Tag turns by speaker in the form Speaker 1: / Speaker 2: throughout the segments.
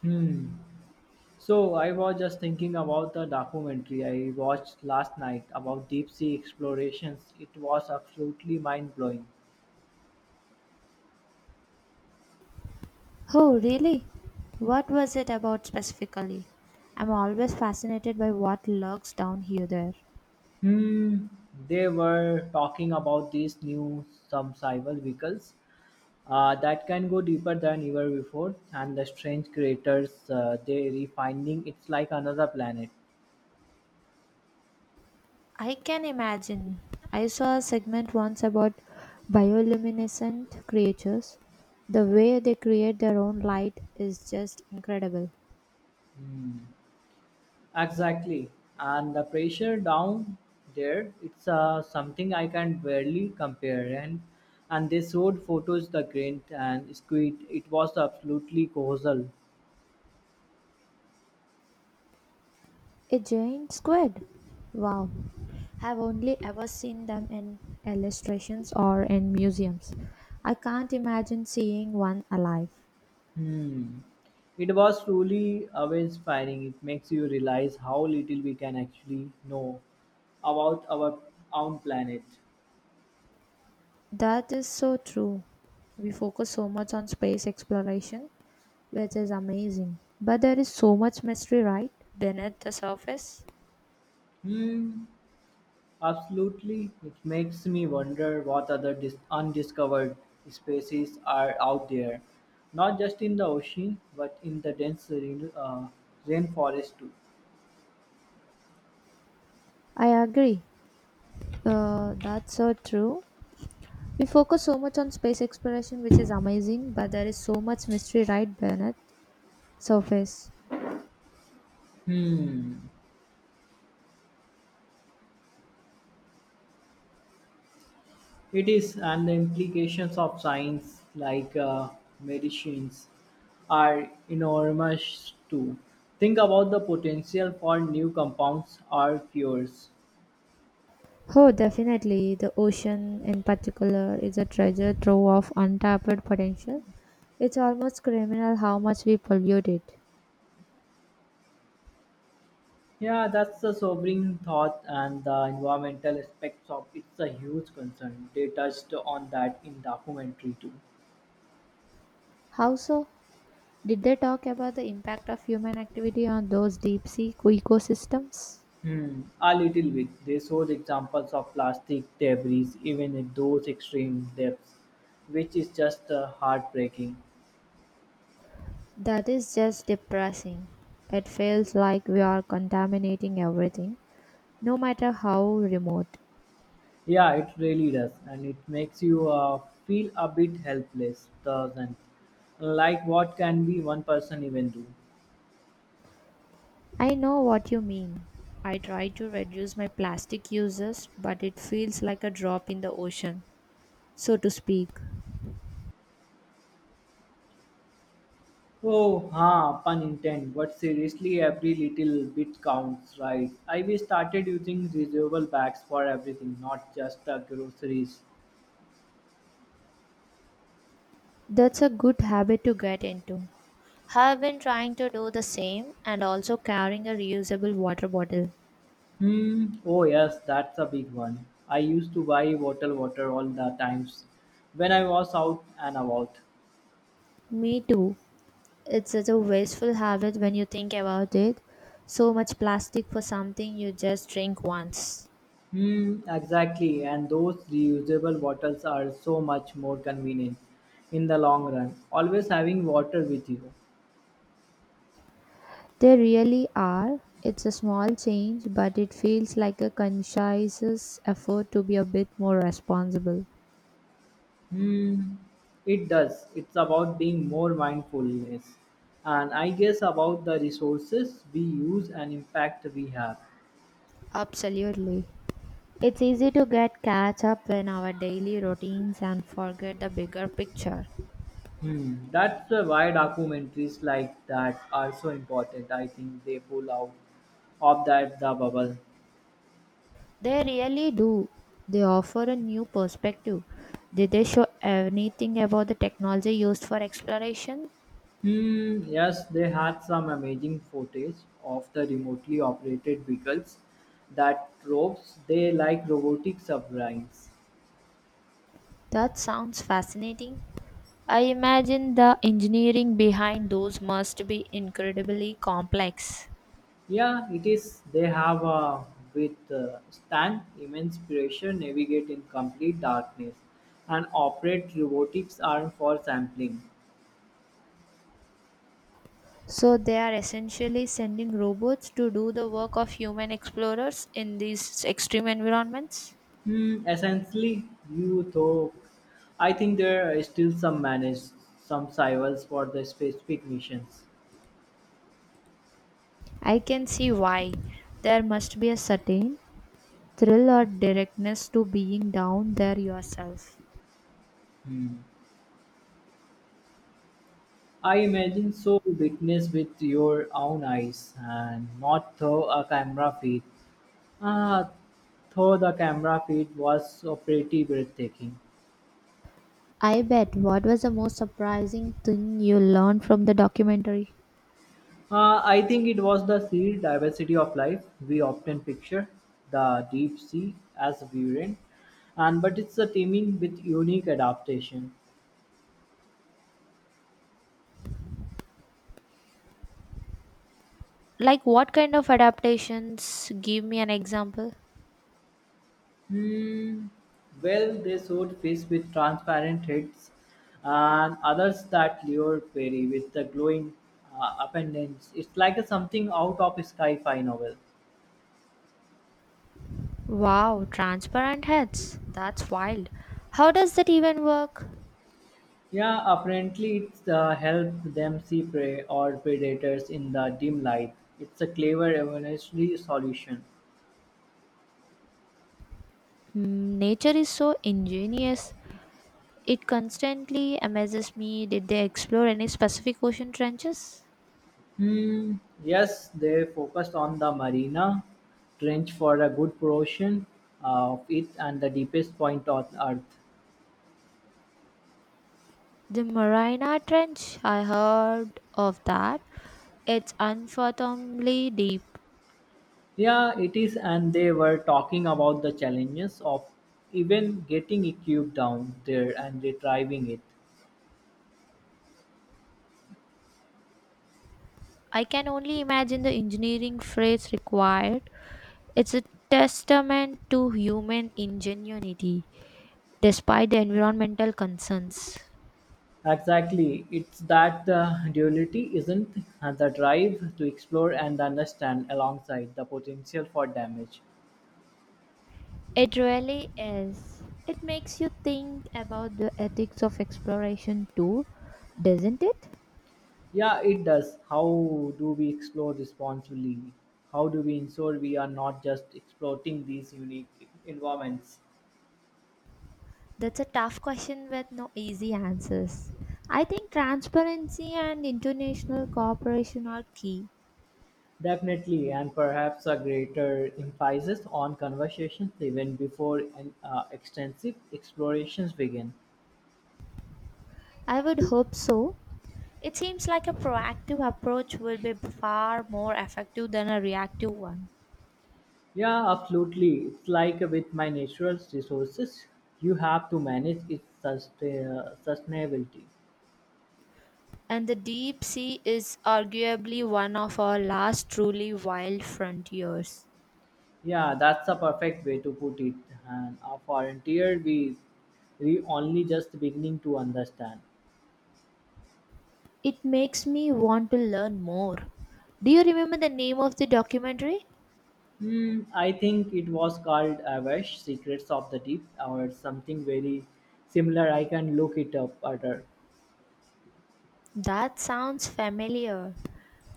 Speaker 1: Hmm. So I was just thinking about the documentary I watched last night about deep sea explorations. It was absolutely mind blowing.
Speaker 2: Oh, really? What was it about specifically? I'm always fascinated by what lurks down here there.
Speaker 1: Hmm. They were talking about these new submersible vehicles that can go deeper than ever before, and the strange creatures they refinding. It's like another planet.
Speaker 2: I can imagine. I saw a segment once about bioluminescent creatures. The way they create their own light is just incredible.
Speaker 1: Hmm. Exactly. And the pressure down there, it's something I can barely compare. And they showed photos the grant and squid. It was absolutely colossal.
Speaker 2: A giant squid. Wow. I've only ever seen them in illustrations or in museums. I can't imagine seeing one alive.
Speaker 1: Hmm. It was truly awe-inspiring. It makes you realize how little we can actually know about our own planet.
Speaker 2: That is so true. We focus so much on space exploration, which is amazing. But there is so much mystery, right? Beneath the surface?
Speaker 1: Hmm, absolutely. It makes me wonder what other undiscovered species are out there, not just in the ocean, but in the dense rainforest too.
Speaker 2: I agree. That's so true. We focus so much on space exploration, which is amazing, but there is so much mystery right beneath surface.
Speaker 1: It is, and the implications of science like medicines are enormous too. Think about the potential for new compounds or cures.
Speaker 2: Oh, definitely. The ocean, in particular, is a treasure trove of untapped potential. It's almost criminal how much we pollute it.
Speaker 1: Yeah, that's a sobering thought, and the environmental aspects of it's a huge concern. They touched on that in documentary too.
Speaker 2: How so? Did they talk about the impact of human activity on those deep sea ecosystems?
Speaker 1: Hmm, a little bit. They showed examples of plastic debris, even at those extreme depths, which is just heartbreaking.
Speaker 2: That is just depressing. It feels like we are contaminating everything, no matter how remote.
Speaker 1: Yeah, it really does, and it makes you feel a bit helpless, doesn't? Like what can be one person even do?
Speaker 2: I know what you mean. I try to reduce my plastic uses, but it feels like a drop in the ocean, so to speak.
Speaker 1: Oh, ha, pun intent. But seriously, every little bit counts, right? I We started using reusable bags for everything, not just the groceries.
Speaker 2: That's a good habit to get into. Have been trying to do the same and also carrying a reusable water bottle.
Speaker 1: Hmm. Oh yes, that's a big one. I used to buy bottled water all the times when I was out and about.
Speaker 2: Me too. It's such a wasteful habit when you think about it. So much plastic for something you just drink once.
Speaker 1: Hmm. Exactly. And those reusable bottles are so much more convenient in the long run. Always having water with you.
Speaker 2: They really are. It's a small change, but it feels like a conscious effort to be a bit more responsible.
Speaker 1: Hmm, it does. It's about being more mindfulness and I guess about the resources we use and impact we have.
Speaker 2: Absolutely. It's easy to get catch up in our daily routines and forget the bigger picture.
Speaker 1: Hmm, that's why documentaries like that are so important. I think they pull out of that the bubble.
Speaker 2: They really do. They offer a new perspective. Did they show anything about the technology used for exploration?
Speaker 1: Hmm, yes, they had some amazing footage of the remotely operated vehicles that probes they like robotic submarines.
Speaker 2: That sounds fascinating. I imagine the engineering behind those must be incredibly complex.
Speaker 1: Yeah, it is. They have with Stan immense pressure, navigate in complete darkness, and operate robotics arm for sampling.
Speaker 2: So, they are essentially sending robots to do the work of human explorers in these extreme environments?
Speaker 1: Hmm, essentially, you though, I think there are still some manage some survivals for the specific missions.
Speaker 2: I can see why. There must be a certain thrill or directness to being down there yourself.
Speaker 1: Hmm. I imagine so witness with your own eyes and not through a camera feed. Ah, though the camera feed was pretty breathtaking.
Speaker 2: I bet. What was the most surprising thing you learned from the documentary?
Speaker 1: I think it was the sheer diversity of life. We often picture the deep sea as virulent, and but it's a teeming with unique adaptation.
Speaker 2: Like, what kind of adaptations? Give me an example.
Speaker 1: Hmm. Well, they showed fish with transparent heads, and others that lured prey with the glowing appendage. It's like a something out of a sci-fi novel.
Speaker 2: Wow, transparent heads. That's wild. How does that even work?
Speaker 1: Yeah, apparently it's helped them see prey or predators in the dim light. It's a clever evolutionary solution.
Speaker 2: Mm, nature is so ingenious. It constantly amazes me. Did they explore any specific ocean trenches?
Speaker 1: Hmm, yes, they focused on the Marina Trench for a good portion of it and the deepest point on Earth.
Speaker 2: The Marina Trench, I heard of that. It's unfathomably deep.
Speaker 1: Yeah, it is, and they were talking about the challenges of even getting a cube down there and retrieving it.
Speaker 2: I can only imagine the engineering feats required. It's a testament to human ingenuity, despite the environmental concerns.
Speaker 1: Exactly, it's that the duality isn't and the drive to explore and understand alongside the potential for damage.
Speaker 2: It really is. It makes you think about the ethics of exploration too, doesn't it?
Speaker 1: Yeah, it does. How do we explore responsibly? How do we ensure we are not just exploiting these unique environments?
Speaker 2: That's a tough question with no easy answers. I think transparency and international cooperation are key.
Speaker 1: Definitely, and perhaps a greater emphasis on conversations even before an extensive explorations begin.
Speaker 2: I would hope so. It seems like a proactive approach will be far more effective than a reactive one.
Speaker 1: Yeah, absolutely. It's like with my natural resources, you have to manage its sustainability.
Speaker 2: And the deep sea is arguably one of our last truly wild frontiers.
Speaker 1: Yeah, that's a perfect way to put it. And a frontier we only just beginning to understand.
Speaker 2: It makes me want to learn more. Do you remember the name of the documentary?
Speaker 1: Hmm, I think it was called Avash, Secrets of the Deep, or something very similar. I can look it up later.
Speaker 2: That sounds familiar.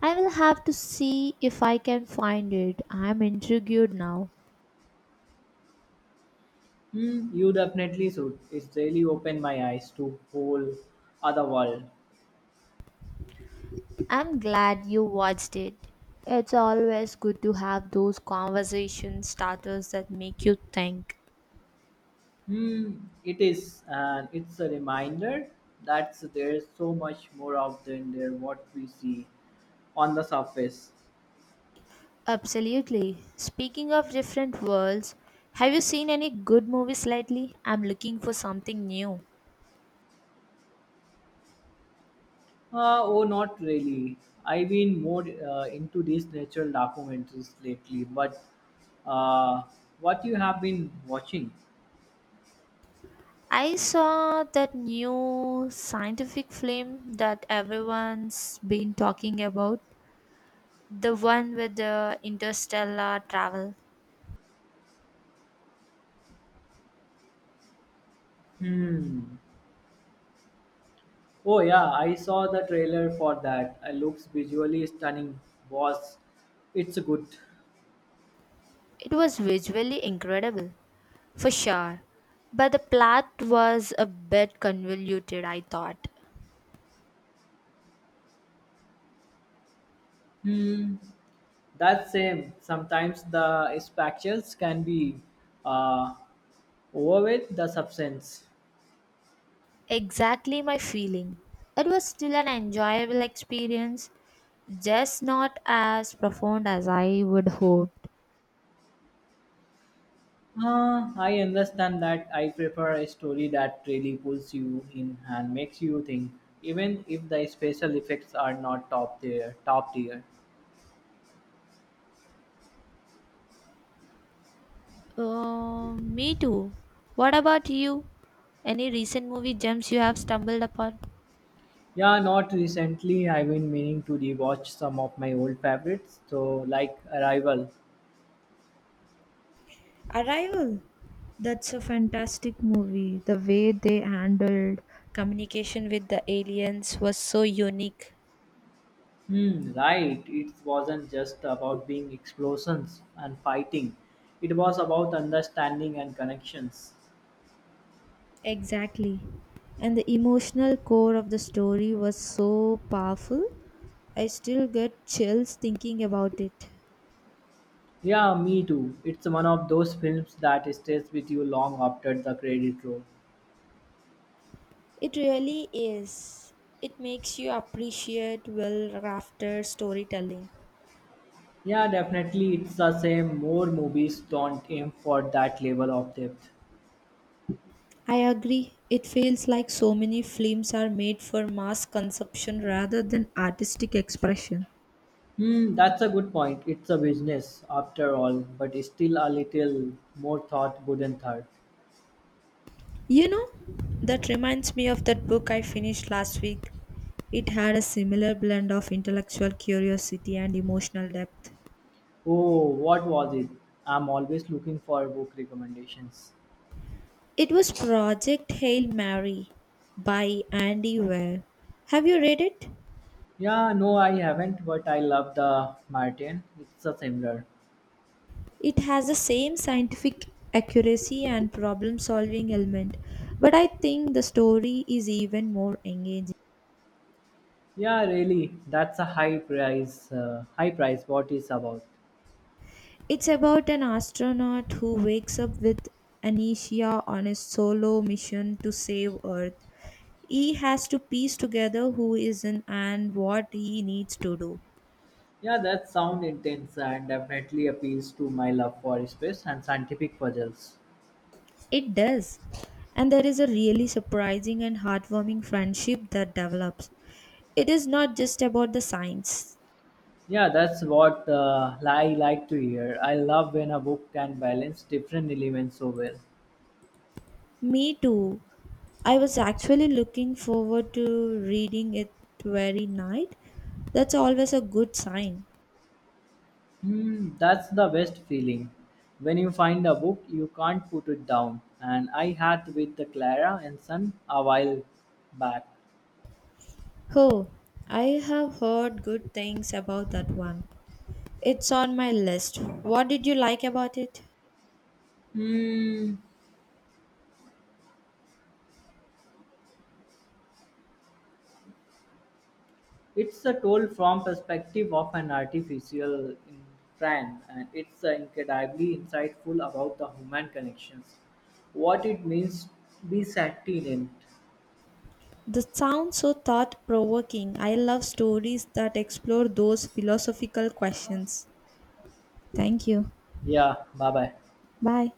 Speaker 2: I will have to see if I can find it. I'm intrigued now.
Speaker 1: Hmm, you definitely should. It's really opened my eyes to whole other world.
Speaker 2: I'm glad you watched it. It's always good to have those conversation starters that make you think.
Speaker 1: Hmm, it is, and it's a reminder that there's so much more out there than what we see on the surface.
Speaker 2: Absolutely. Speaking of different worlds, have you seen any good movies lately? I'm looking for something new.
Speaker 1: Oh, not really. I've been more into these natural documentaries lately, but uh, what you have been watching?
Speaker 2: I saw that new scientific film that everyone's been talking about, the one with the interstellar travel.
Speaker 1: Hmm. Oh, yeah, I saw the trailer for that. It looks visually stunning. Was it's good.
Speaker 2: It was visually incredible, for sure, but the plot was a bit convoluted, I thought.
Speaker 1: Hmm. That's same. Sometimes the spectacles can be uh, over with the substance.
Speaker 2: Exactly my feeling. It was still an enjoyable experience, just not as profound as I would hoped.
Speaker 1: I understand that I prefer a story that really pulls you in and makes you think, even if the special effects are not top tier. Top tier.
Speaker 2: Me too. What about you? Any recent movie gems you have stumbled upon?
Speaker 1: Yeah, not recently. I've been meaning to rewatch some of my old favorites. So, like Arrival.
Speaker 2: Arrival. That's a fantastic movie. The way they handled communication with the aliens was so unique.
Speaker 1: Hmm, right. It wasn't just about being explosions and fighting. It was about understanding and connections.
Speaker 2: Exactly. And the emotional core of the story was so powerful. I still get chills thinking about it.
Speaker 1: Yeah, me too. It's one of those films that stays with you long after the credit roll.
Speaker 2: It really is. It makes you appreciate well crafted storytelling.
Speaker 1: Yeah, definitely. It's the same. More movies don't aim for that level of depth.
Speaker 2: I agree. It feels like so many films are made for mass consumption rather than artistic expression.
Speaker 1: Hmm, that's a good point. It's a business after all, but it's still a little more thought wouldn't hurt.
Speaker 2: You know, that reminds me of that book I finished last week. It had a similar blend of intellectual curiosity and emotional depth.
Speaker 1: Oh, what was it? I'm always looking for book recommendations.
Speaker 2: It was Project Hail Mary by Andy Weir. Have you read it?
Speaker 1: Yeah, no, I haven't, but I love the Martin. It's a similar.
Speaker 2: It has the same scientific accuracy and problem solving element, but I think the story is even more engaging.
Speaker 1: Yeah, really, that's a high price. High price. What is about?
Speaker 2: It's about an astronaut who wakes up with amnesia on a solo mission to save Earth. He has to piece together who is in and what he needs to do.
Speaker 1: Yeah, that sound intense and definitely appeals to my love for space and scientific puzzles.
Speaker 2: It does. And there is a really surprising and heartwarming friendship that develops. It is not just about the science.
Speaker 1: Yeah, that's what I like to hear. I love when a book can balance different elements so well.
Speaker 2: Me too. I was actually looking forward to reading it very night. That's always a good sign.
Speaker 1: Hmm, that's the best feeling. When you find a book, you can't put it down. And I had with the Clara and Son a while back.
Speaker 2: Oh, I have heard good things about that one. It's on my list. What did you like about it?
Speaker 1: Hmm. It's a told from perspective of an artificial in friend, and it's incredibly insightful about the human connections, what it means to be sentient.
Speaker 2: The sounds so thought provoking. I love stories that explore those philosophical questions. Thank you.
Speaker 1: Yeah, bye bye.
Speaker 2: Bye.